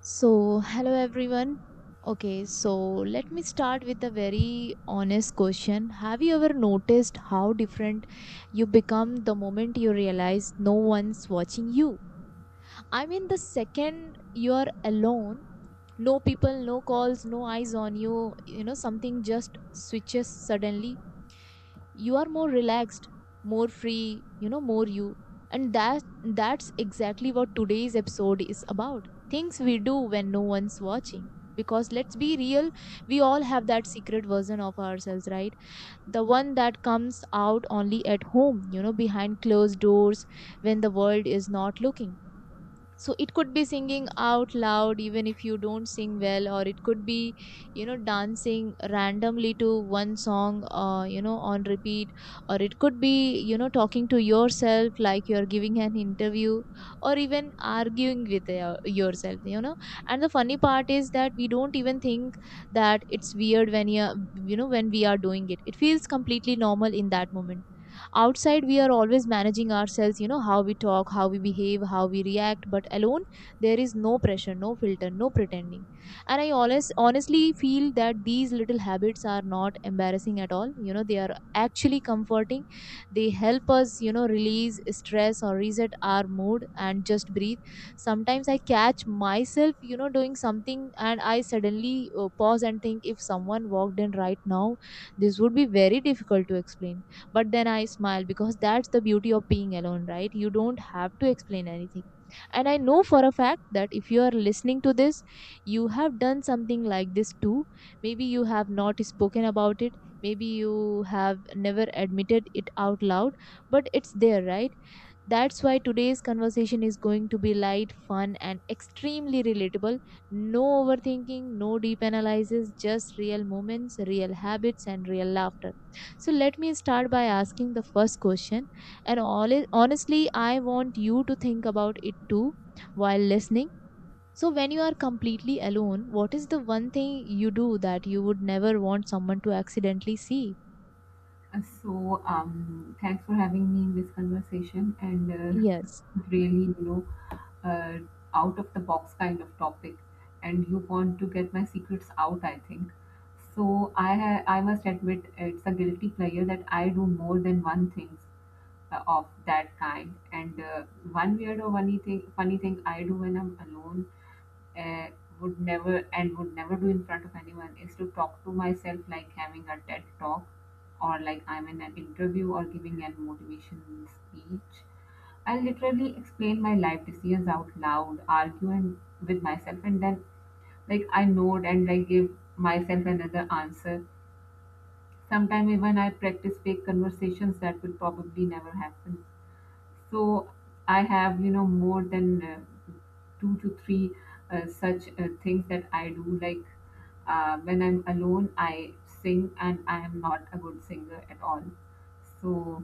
So, hello everyone. Okay, so let me start with a very honest question. Have you ever noticed how different you become the moment you realize no one's watching you? I mean, the second you're alone, no people, no calls, no eyes on you, something just switches. Suddenly you are more relaxed, more free, more you. And that's exactly what today's episode is about: things we do when no one's watching. Because let's be real, we all have that secret version of ourselves, right? The one that comes out only at home, behind closed doors, when the world is not looking. So it could be singing out loud even if you don't sing well, or it could be, dancing randomly to one song, on repeat. Or it could be, talking to yourself like you're giving an interview, or even arguing with yourself. And the funny part is that we don't even think that it's weird when you know when we are doing it. It feels completely normal in that moment. Outside, we are always managing ourselves, how we talk, how we behave, how we react, but alone there is no pressure, no filter, no pretending. And I always honestly feel that these little habits are not embarrassing at all. They are actually comforting. They help us, release stress or reset our mood and just breathe. Sometimes I catch myself, doing something, and I suddenly pause and think: if someone walked in right now, this would be very difficult to explain. But then I smile because that's the beauty of being alone, right? You don't have to explain anything. And I know for a fact that if you are listening to this, you have done something like this too. Maybe you have not spoken about it. Maybe you have never admitted it out loud, but it's there, right? That's why today's conversation is going to be light, fun, and extremely relatable. No overthinking, no deep analysis, just real moments, real habits, and real laughter. So, let me start by asking the first question. And all, honestly, I want you to think about it too while listening. So, when you are completely alone, what is the one thing you do that you would never want someone to accidentally see? Thanks for having me in this conversation and Yes. really, uh, out of the box kind of topic. And you want to get my secrets out, I think. So, I must admit it's a guilty pleasure that I do more than one thing of that kind. And One weird or funny thing I do when I'm alone uh, would never do in front of anyone is to talk to myself like having a TED talk or like I'm in an interview or giving an motivation speech. I literally explain my life decisions out loud, argue and with myself, and then like I nod and like give myself another answer. Sometimes even I practice fake conversations that will probably never happen. So I have, you know, more than two to three such things that I do. Like when I'm alone, I sing, and I am not a good singer at all. So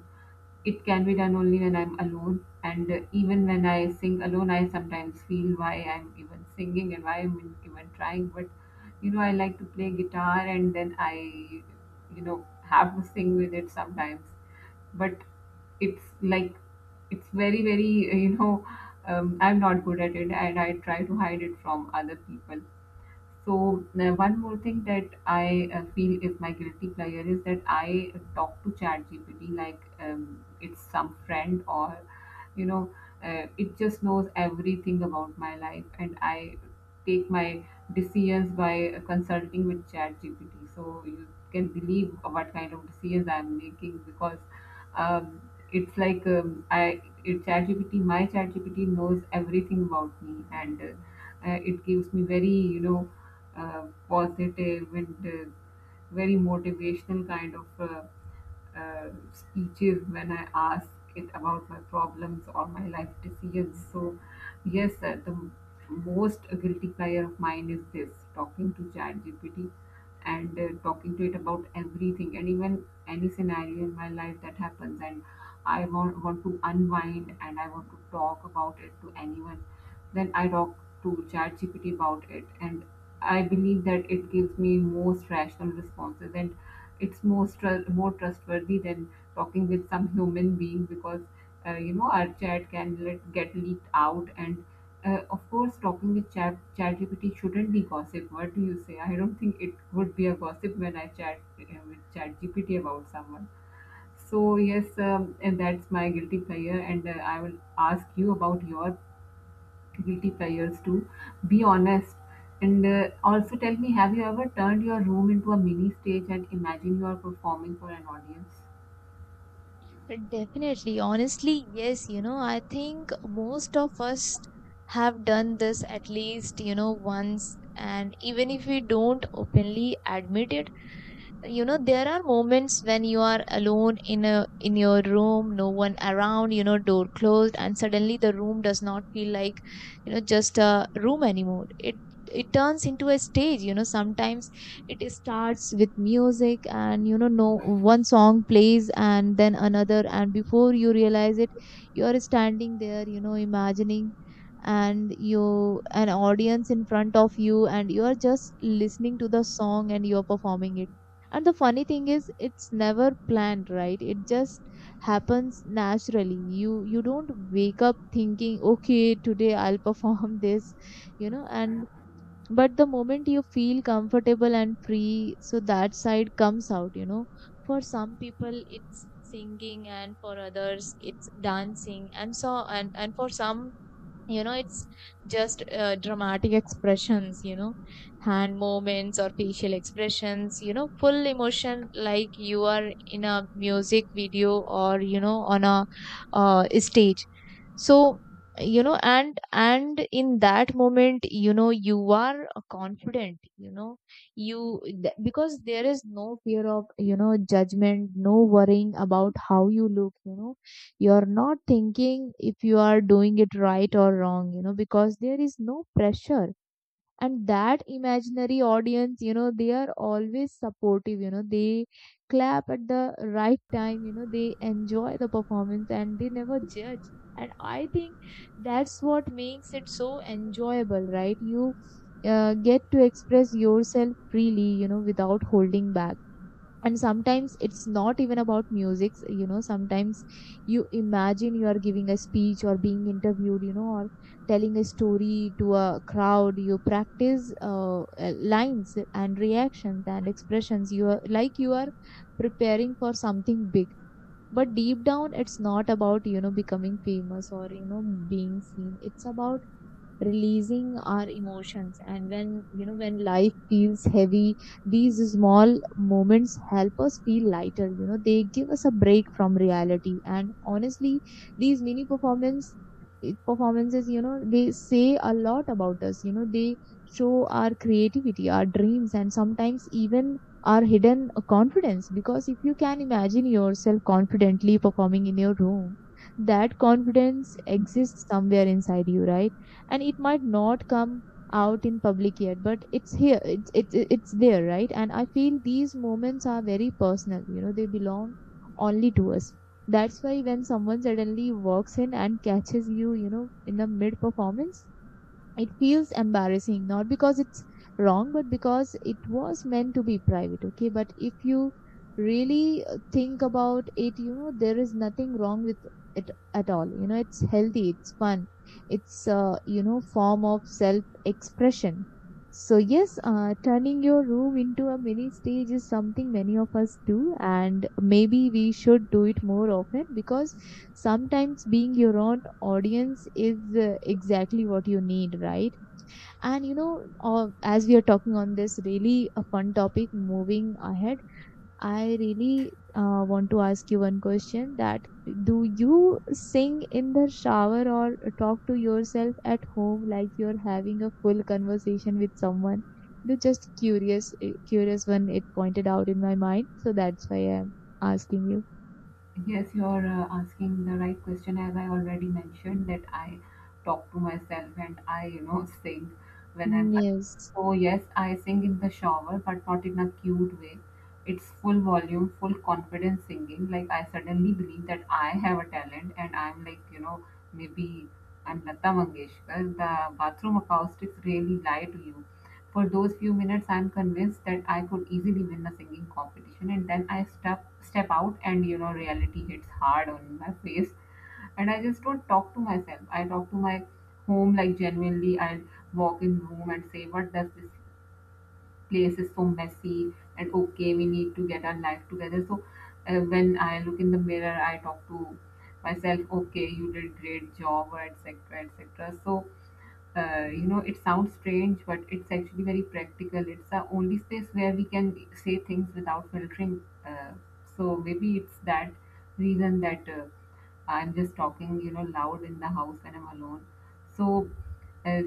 it can be done only when I'm alone. And Even when I sing alone, I sometimes feel why I'm even singing and why I'm even trying. But you know, I like to play guitar, and then I, you know, have to sing with it sometimes but it's like it's very you know I'm not good at it and I try to hide it from other people. So one more thing that I feel is my guilty pleasure is that I talk to ChatGPT like it's some friend or you know it just knows everything about my life and I take my decisions by consulting with ChatGPT. So you can believe what kind of decisions I'm making because um, it's like I it ChatGPT my ChatGPT knows everything about me and it gives me very positive and very motivational kind of speeches when I ask it about my problems or my life decisions. So, yes, the most guilty pleasure of mine is this talking to ChatGPT and talking to it about everything and even any scenario in my life that happens and want to unwind and I want to talk about it to anyone, then I talk to ChatGPT about it. And I believe that it gives me most rational responses and it's more trustworthy than talking with some human being because you know our chat can get leaked out and of course talking with ChatGPT shouldn't be gossip. What do you say? I don't think it would be a gossip when I chat with ChatGPT about someone. So yes, and that's my guilty pleasure, and I will ask you about your guilty pleasures too. Be honest, and also tell me: have you ever turned your room into a mini stage and imagine you are performing for an audience? Definitely. Honestly, yes, I think most of us have done this at least, once. And even if we don't openly admit it, there are moments when you are alone in your room, no one around, door closed, and suddenly the room does not feel like, just a room anymore. It turns into a stage. Sometimes it starts with music, and no one song plays and then another, and before you realize it you are standing there, imagining and you an audience in front of you, and you are just listening to the song and you are performing it. And the funny thing is, it's never planned, right? It just happens naturally. You don't wake up thinking, okay, today I'll perform this. And but the moment you feel comfortable and free, so that side comes out. For some people it's singing, and for others it's dancing, and so and for some, it's just dramatic expressions. Hand movements or facial expressions, full emotion, like you are in a music video or, on a stage. So, and in that moment, you are confident. Because there is no fear of, judgment, no worrying about how you look. You're not thinking if you are doing it right or wrong, because there is no pressure. And that imaginary audience, they are always supportive. They clap at the right time. They enjoy the performance and they never judge. And I think that's what makes it so enjoyable, right? You get to express yourself freely, without holding back. And sometimes it's not even about music. Sometimes you imagine you are giving a speech or being interviewed, or telling a story to a crowd. You practice lines and reactions and expressions. You are like you are preparing for something big. But deep down, it's not about, becoming famous or, being seen. It's about releasing our emotions. And when you know when life feels heavy, these small moments help us feel lighter. They give us a break from reality, and honestly, these mini performances, they say a lot about us. They show our creativity, our dreams, and sometimes even our hidden confidence. Because if you can imagine yourself confidently performing in your room, that confidence exists somewhere inside you, right? And it might not come out in public yet, but it's here, it's there, right? And I feel these moments are very personal. They belong only to us. That's why when someone suddenly walks in and catches you, you know in the mid performance, it feels embarrassing, not because it's wrong, but because it was meant to be private. Okay, but if you really think about it, there is nothing wrong with it at all. It's healthy, it's fun, it's form of self expression. So yes, turning your room into a mini stage is something many of us do, and maybe we should do it more often, because sometimes being your own audience is exactly what you need, right? And, as we are talking on this really a fun topic, moving ahead, I really want to ask you one question: that do you sing in the shower or talk to yourself at home like you're having a full conversation with someone? You just curious when it pointed out in my mind, so that's why I'm asking you. Yes, you're asking the right question. As I already mentioned, that I talk to myself and I, you know, sing when I'm. Yes. So yes, I sing in the shower, but not in a cute way. It's full volume, full confidence singing. Like I suddenly believe that I have a talent, and I'm like, you know, maybe I'm Lata Mangeshkar. The bathroom acoustics really lie to you. For those few minutes, I'm convinced that I could easily win a singing competition, and then I step out, and you know, reality hits hard on my face, and I just don't talk to myself. I talk to my home like genuinely. I walk in room and say, "What does this place is so messy and okay we need to get our life together." So when I look in the mirror I talk to myself, okay, you did great job or etc etc. So you know it sounds strange but it's actually very practical. It's the only space where we can say things without filtering, so maybe it's that reason that I'm just talking, you know, loud in the house when I'm alone. So uh,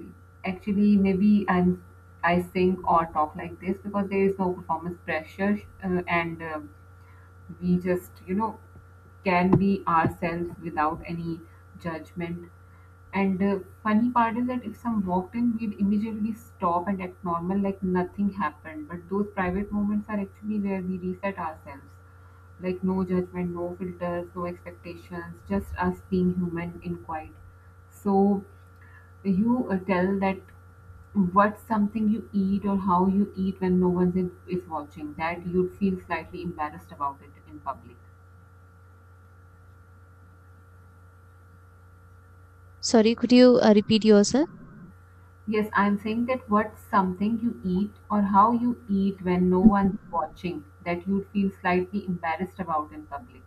actually, maybe I'm I sing or talk like this because there is no performance pressure and we just you know can be ourselves without any judgment. And funny part is that if some walked in we'd immediately stop and act normal like nothing happened, but those private moments are actually where we reset ourselves, like no judgment, no filters, no expectations, just us being human in quiet. So you tell that what's something you eat or how you eat when no one is watching that you'd feel slightly embarrassed about it in public? Sorry, could you repeat yourself? Yes, I'm saying that what's something you eat or how you eat when no one's watching that you'd feel slightly embarrassed about in public?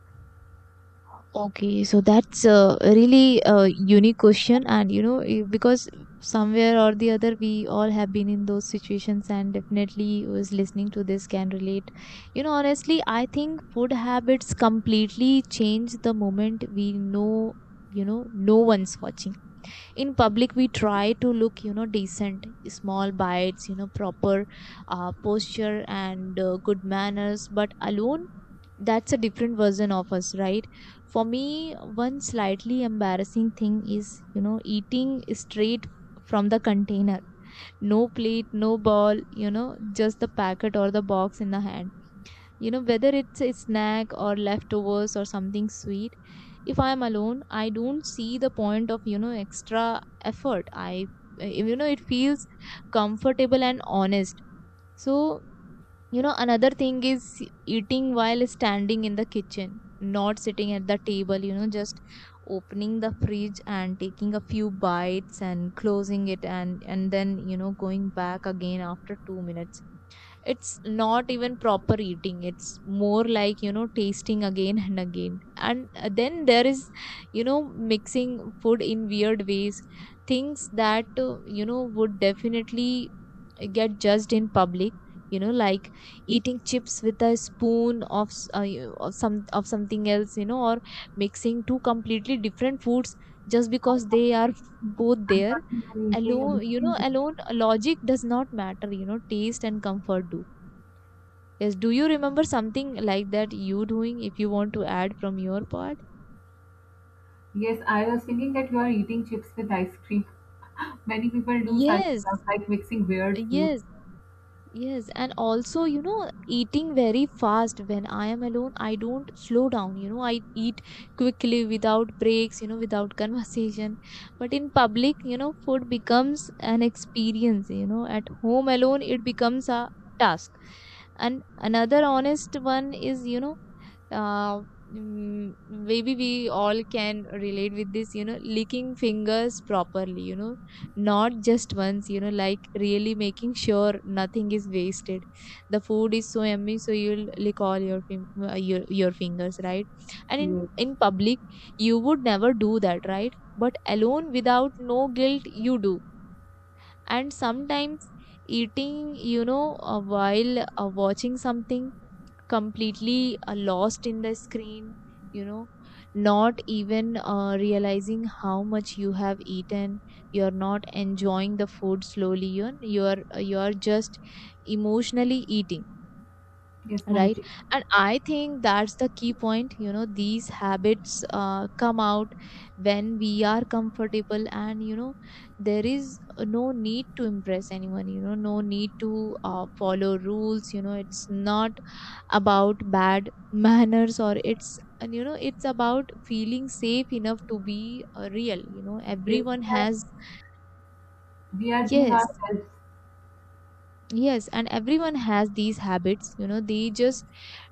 Okay, so that's a really a unique question, and, because somewhere or the other, we all have been in those situations, and definitely who is listening to this can relate. Honestly, I think food habits completely change the moment we know, no one's watching. In public, we try to look, decent, small bites, proper posture and good manners, but alone that's a different version of us, right? For me, one slightly embarrassing thing is, eating straight from the container, no plate, no ball, just the packet or the box in the hand, whether it's a snack or leftovers or something sweet. If I am alone, I don't see the point of, extra effort. I you know It feels comfortable and honest. So, another thing is eating while standing in the kitchen, not sitting at the table, just opening the fridge and taking a few bites and closing it, and then, going back again after 2 minutes. It's not even proper eating. It's more like, tasting again and again. And then there is, mixing food in weird ways. Things that, would definitely get judged in public, like eating chips with a spoon of s- you- of some of something else, or mixing two completely different foods just i because thought, they are both I there. thought you were eating ice Alone, cream with chips. alone logic does not matter. Taste and comfort do. Yes, do you remember something like that you doing? If you want to add from your part. Yes, I was thinking that you are eating chips with ice cream. Many people do such Yes, stuff like mixing weird foods. yes. Yes, and also, eating very fast when I am alone, I don't slow down. I eat quickly without breaks, without conversation. But in public, food becomes an experience. At home alone, it becomes a task. And another honest one is, uh, maybe we all can relate with this, licking fingers properly, not just once, like really making sure nothing is wasted. The food is so yummy, so you'll lick all your your fingers, right? And in Yes. in public you would never do that, right? But alone, without no guilt, you do. And sometimes eating, while watching something, completely lost in the screen, you know, not even realizing how much you have eaten. You're not enjoying the food slowly. You're just emotionally eating, Yes, right? manchi. And I think that's the key point. You know, these habits come out when we are comfortable, and you know there is no need to impress anyone, you know, no need to follow rules. You know, it's not about bad manners or it's and you know it's about feeling safe enough to be real. You know, Yes. everyone has We are being yes. ourselves. Yes, and everyone has these habits, you know, they just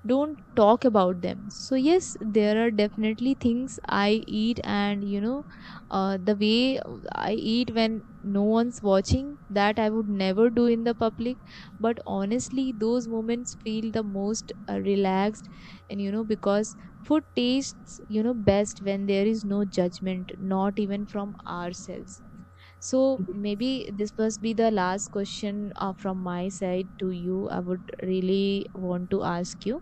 don't talk about them. So, yes, there are definitely things I eat, and you know, the way I eat when no one's watching, that I would never do in the public. But honestly, those moments feel the most relaxed, and you know, because food tastes, you know, best when there is no judgment, not even from ourselves. So Yes. maybe this must be the last question from my side to you. I would really want to ask you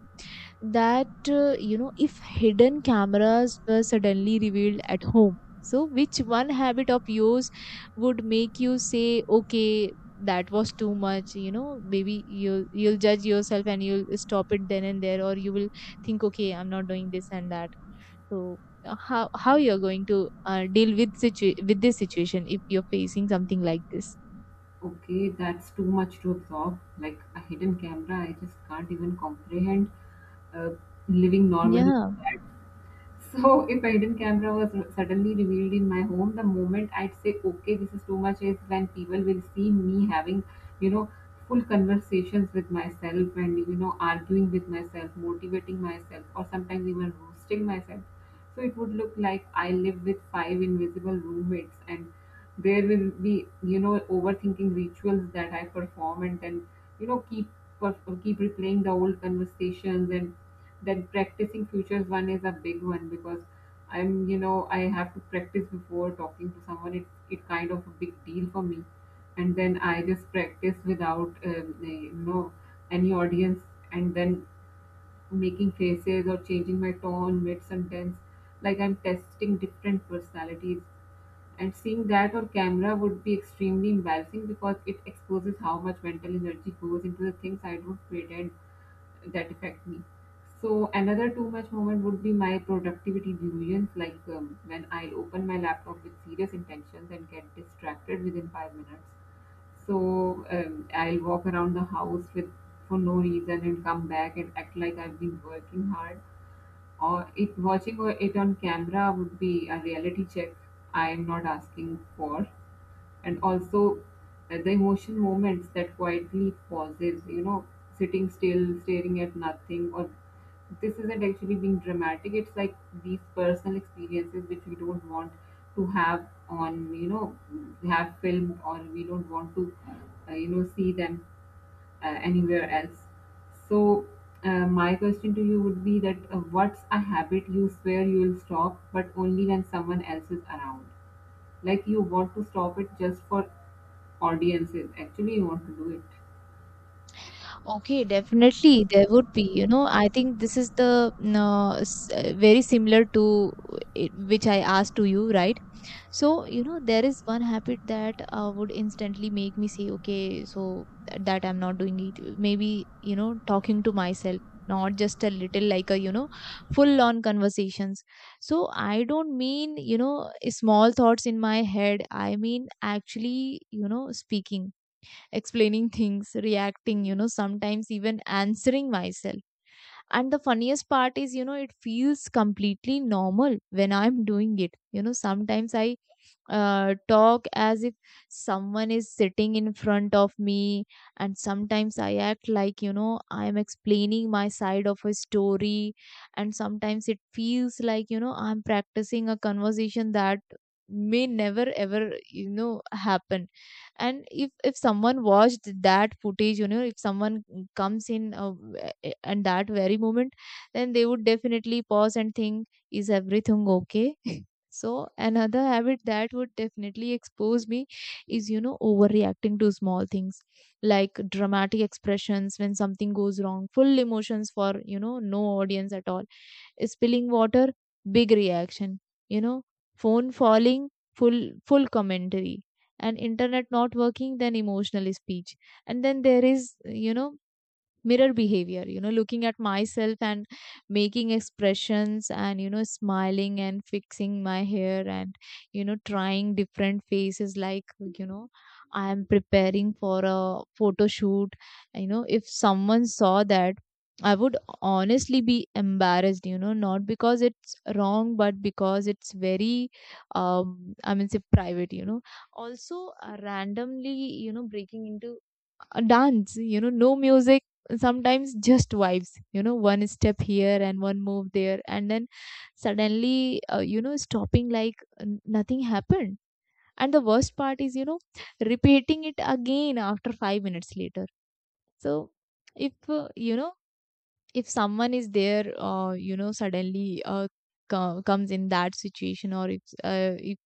that you know if hidden cameras were suddenly revealed at home, so which one habit of yours would make you say, okay, that was too much? You know, maybe you'll judge yourself and you'll stop it then and there, or you will think, okay, I'm not doing this and that. So how you're going to deal with with this situation if you're facing something like this? Okay, that's too much to absorb. Like a hidden camera, I just can't even comprehend uh, living normally. Yeah. So if a hidden camera was suddenly revealed in my home, the moment I'd say, okay, this is too much, is when people will see me having, you know, full conversations with myself and, you know, arguing with myself, motivating myself, or sometimes even roasting myself. So it would look like I live with five invisible roommates and there will be, you know, overthinking rituals that I perform and then you know keep or keep replaying the old conversations and then practicing futures one is a big one because I'm you know I have to practice before talking to someone. It's it kind of a big deal for me, and then I just practice without you know any audience. And then making faces or changing my tone mid sentence, like I'm testing different personalities. And seeing that on camera would be extremely embarrassing because it exposes how much mental energy goes into the things I don't pretend that affect me. So another too much moment would be my productivity delusions, like when I open my laptop with serious intentions and get distracted within 5 minutes. So I'll walk around the house with for no reason and come back and act like I've been working hard, or it watching it on camera would be a reality check I am not asking for, and also the emotion moments that quietly pauses. You know, sitting still, staring at nothing, or this isn't actually being dramatic. It's like these personal experiences which we don't want to have on you know have filmed or we don't want to you know see them anywhere else. So, my question to you would be that what's a habit you swear you will stop, but only when someone else is around? Like you want to stop it just for audiences. Actually, you want to do it. Okay, definitely there would be. You know, I think this is the no, very similar to it, which I asked to you, right? So, you know, there is one habit that would instantly make me say, okay, so that I'm not doing it. Maybe, you know, talking to myself, not just a little like a, you know, full on conversations. So I don't mean, you know, small thoughts in my head. I mean, actually, you know, speaking, explaining things, reacting, you know, sometimes even answering myself, and the funniest part is, you know, it feels completely normal when I'm doing it. You know, sometimes I talk as if someone is sitting in front of me, and sometimes I act like, you know, I'm explaining my side of a story, and sometimes it feels like, you know, I'm practicing a conversation that may never ever you know happen. And if someone watched that footage, you know, if someone comes in and that very moment, then they would definitely pause and think, is everything okay? So another habit that would definitely expose me is, you know, overreacting to small things, like dramatic expressions when something goes wrong, full emotions for, you know, no audience at all, spilling water, big reaction, you know, phone falling, full commentary, and internet not working, then emotional speech. And then there is, you know, mirror behavior, you know, looking at myself and making expressions, and you know smiling and fixing my hair, and you know trying different faces, like, you know, I am preparing for a photo shoot. You know, if someone saw that, I would honestly be embarrassed, you know, not because it's wrong but because it's very um, I mean, say private, you know. Also, randomly, you know, breaking into a dance, you know, no music, sometimes just vibes, you know, one step here and one move there, and then suddenly you know stopping like nothing happened. And the worst part is, you know, repeating it again after 5 minutes later. So if you know, if someone is there you know suddenly comes in that situation, or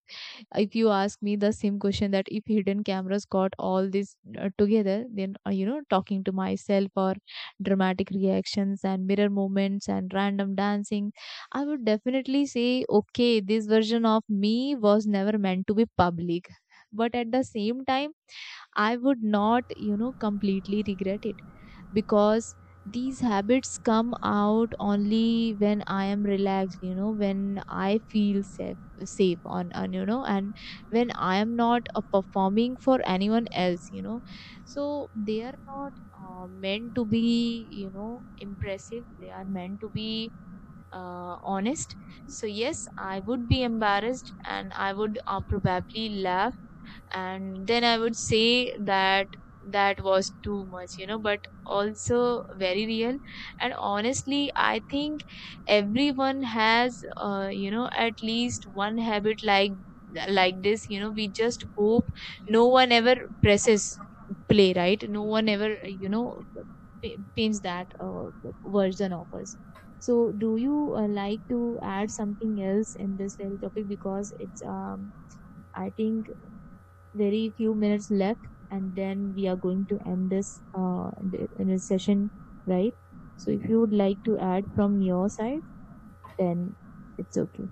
if you ask me the same question that if hidden cameras got all this together, then you know talking to myself or dramatic reactions and mirror moments and random dancing, I would definitely say, okay, this version of me was never meant to be public. But at the same time, I would not you know completely regret it, because these habits come out only when I am relaxed, you know, when I feel safe on, and you know, and when I am not performing for anyone else, you know. So they are not meant to be you know impressive. They are meant to be honest. So yes, I would be embarrassed, and I would probably laugh, and then I would say that that was too much, you know, but also very real. And honestly I think everyone has you know at least one habit like this. You know, we just hope no one ever presses play, right? No one ever you know pins that version of us. So do you like to add something else in this little topic, because it's um, I think very few minutes left, and then we are going to end this in a session, right? So if you would like to add from your side, then it's okay.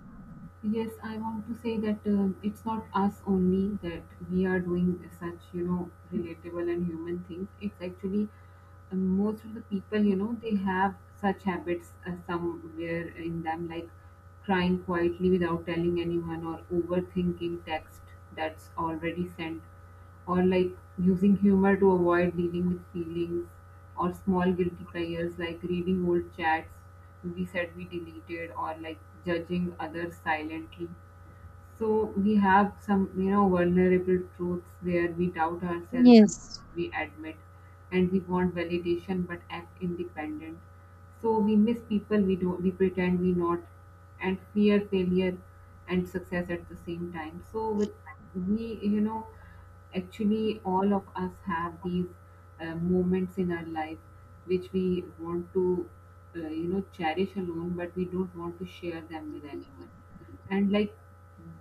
Yes, I want to say that it's not us only that we are doing such, you know, relatable and human things. It's actually most of the people, you know, they have such habits somewhere in them, like crying quietly without telling anyone or overthinking text that's already sent or like using humor to avoid dealing with feelings or small guilty pleasures like reading old chats we said we deleted or like judging others silently. So we have some, you know, vulnerable truths where we doubt ourselves, more Yes. than we admit, and we want validation but act independent. So we miss people we don't, we pretend we not, and fear failure and success at the same time. So with we, you know, actually all of us have these moments in our life which we want to, you know, cherish alone, but we don't want to share them with anyone. And like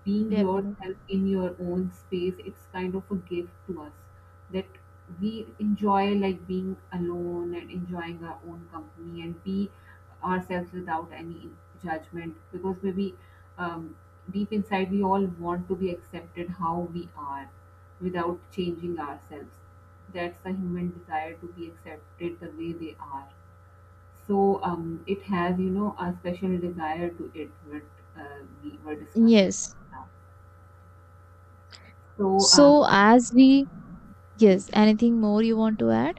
being Definitely. yourself in your own space, it's kind of a gift to us, that we enjoy like being alone and enjoying our own company and be ourselves without any judgment, because maybe um, deep inside we all want to be accepted how we are without changing ourselves. That's the human desire to be accepted the way they are. So it has, you know, a special desire to it, what we were discussing Yes. right now. So um, So as we yes, anything more you want to add?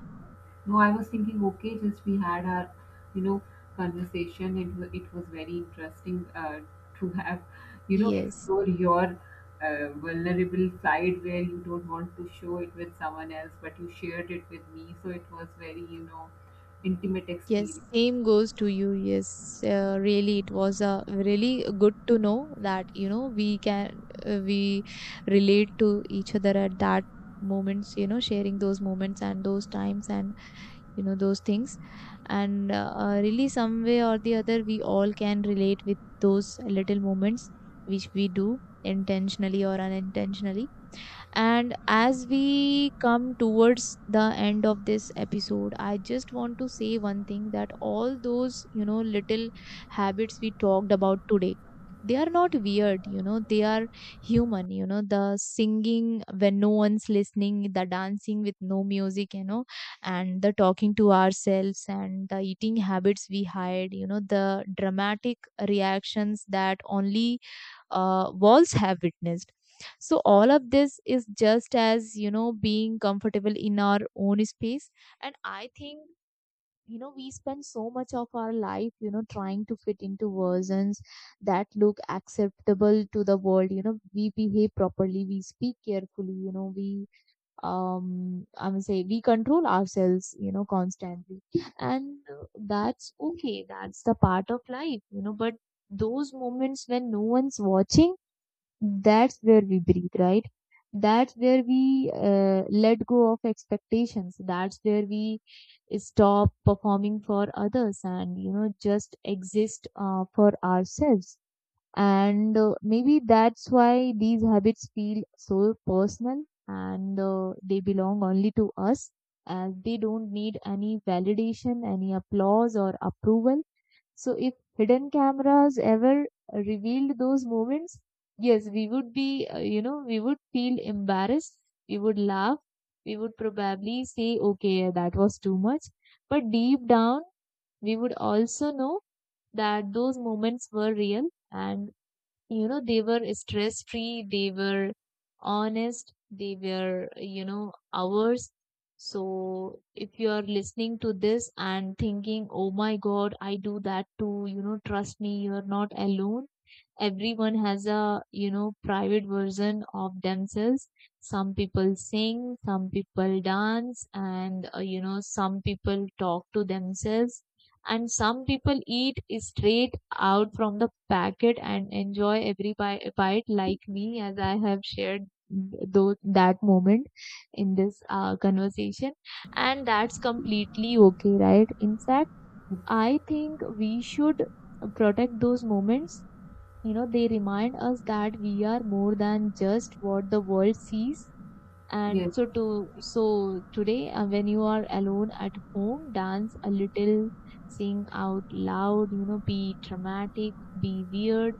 no, I was thinking, okay, just we had our, you know, conversation. It was very interesting to have, you know, Yes. explore your vulnerable side where you don't want to show it with someone else, but you shared it with me. So it was very, you know, intimate Yes, experience. same goes to you. Yes, really, it was really good to know that you know we can we relate to each other at that moments. You know, sharing those moments and those times and you know those things, and really some way or the other, we all can relate with those little moments which we do intentionally or unintentionally. And as we come towards the end of this episode, I just want to say one thing, that all those, you know, little habits we talked about today, they are not weird, you know, they are human, you know, the singing when no one's listening, the dancing with no music, you know, and the talking to ourselves and the eating habits we hide, you know, the dramatic reactions that only walls have witnessed. So all of this is just as you know being comfortable in our own space, and I think, you know, we spend so much of our life, you know, trying to fit into versions that look acceptable to the world. You know, we behave properly, we speak carefully, you know, we um, I would say we control ourselves, you know, constantly. And that's okay, that's the part of life, you know. But those moments when no one's watching, that's where we breathe, right? That's where we let go of expectations. That's where we stop performing for others and, you know, just exist for ourselves. And maybe that's why these habits feel so personal, and they belong only to us, as they don't need any validation, any applause or approval. So if hidden cameras ever revealed those moments, yes, we would be, you know, we would feel embarrassed. We would laugh. We would probably say, okay, yeah, that was too much. But deep down, we would also know that those moments were real, and you know they were stress free, they were honest, they were you know ours. So if you are listening to this and thinking, oh my god, I do that too, you know, trust me, you are not alone. Everyone has a you know private version of themselves. Some people sing, some people dance, and you know some people talk to themselves, and some people eat straight out from the packet and enjoy every bite like me, as I have shared those that moment in this conversation. And that's completely okay, right? In fact, I think we should protect those moments. You know, they remind us that we are more than just what the world sees. And Yes, so to so today, when you are alone at home, dance a little, sing out loud, you know, be dramatic, be weird,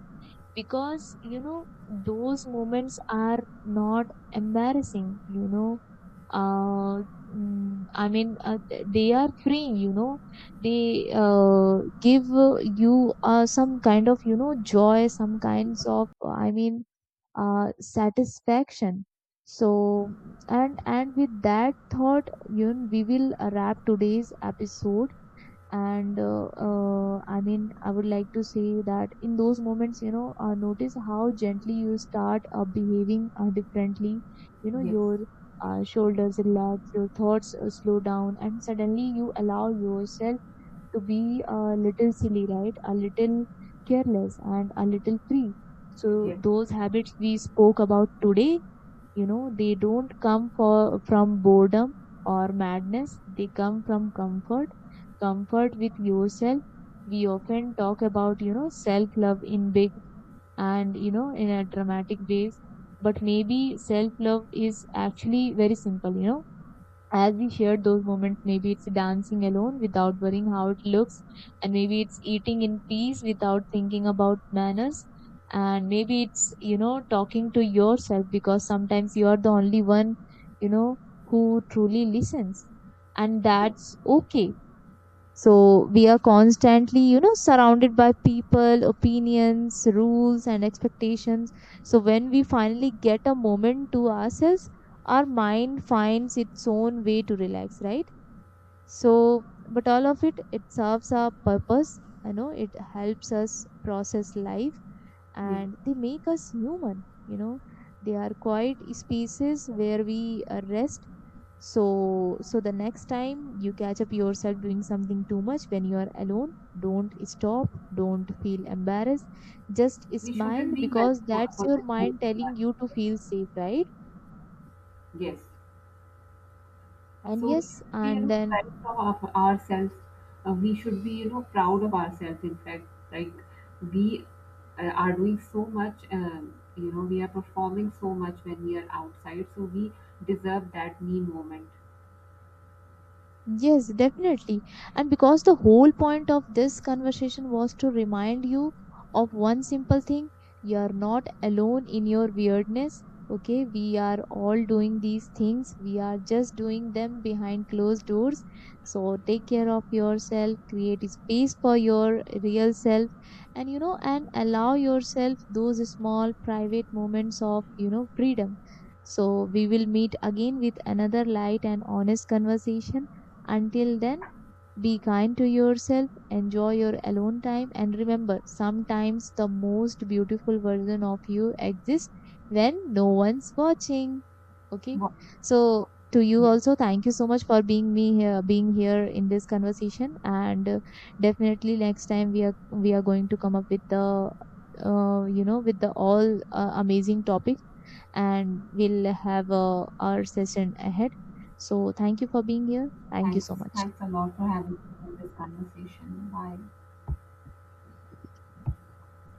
because you know those moments are not embarrassing. You know, uh, I mean, they are freeing. You know, they give you some kind of you know joy, some kinds of, I mean, satisfaction. so and with that thought, you know, we will wrap today's episode. And I mean I would like to say that in those moments, you know, notice how gently you start behaving differently. You know, yes, your shoulders relax, your thoughts slow down, and suddenly you allow yourself to be a little silly, right? A little careless and a little free. So yes, yes, those habits we spoke about today, you know, they don't come for from boredom or madness. They come from comfort, comfort with yourself. We often talk about, you know, self love in big and, you know, in a dramatic ways, but maybe self love is actually very simple, you know, as we shared those moments. Maybe it's dancing alone without worrying how it looks, and maybe it's eating in peace without thinking about manners, and maybe it's you know talking to yourself, because sometimes you are the only one you know who truly listens, and yes. that's okay. So we are constantly, you know, surrounded by people, opinions, rules, and expectations. So when we finally get a moment to ourselves, our mind finds its own way to relax, right? So, but all of it, it serves our purpose. You know, it helps us process life, Yes. and they make us human, you know. They are quiet spaces where we rest. So, so the next time you catch up yourself doing something too much when you are alone, don't stop, don't feel embarrassed, just We smile, shouldn't be bad because that's for your the whole mind life. telling you to feel safe, right? Yes. And So we yes, should be you and know then proud of our, ourselves. We should be you know proud of ourselves. In fact, like we are doing so much. You know we are performing so much when we are outside. So we deserve that me moment. yes, definitely. And because the whole point of this conversation was to remind you of one simple thing: you are not alone in your weirdness. Okay, we are all doing these things, we are just doing them behind closed doors. So take care of yourself, create a space for your real self, and you know, and allow yourself those small private moments of you know freedom. So we will meet again with another light and honest conversation. Until then, be kind to yourself, enjoy your alone time, and remember sometimes the most beautiful version of you exists when no one's watching. Okay, Well, so to you yeah. also, thank you so much for being me here, being here in this conversation, and definitely next time we are going to come up with the you know with the all amazing topics, and we'll have our session ahead. So thank you for being here. Thank you Thanks. so much. Thanks a lot for having me in this conversation. Bye.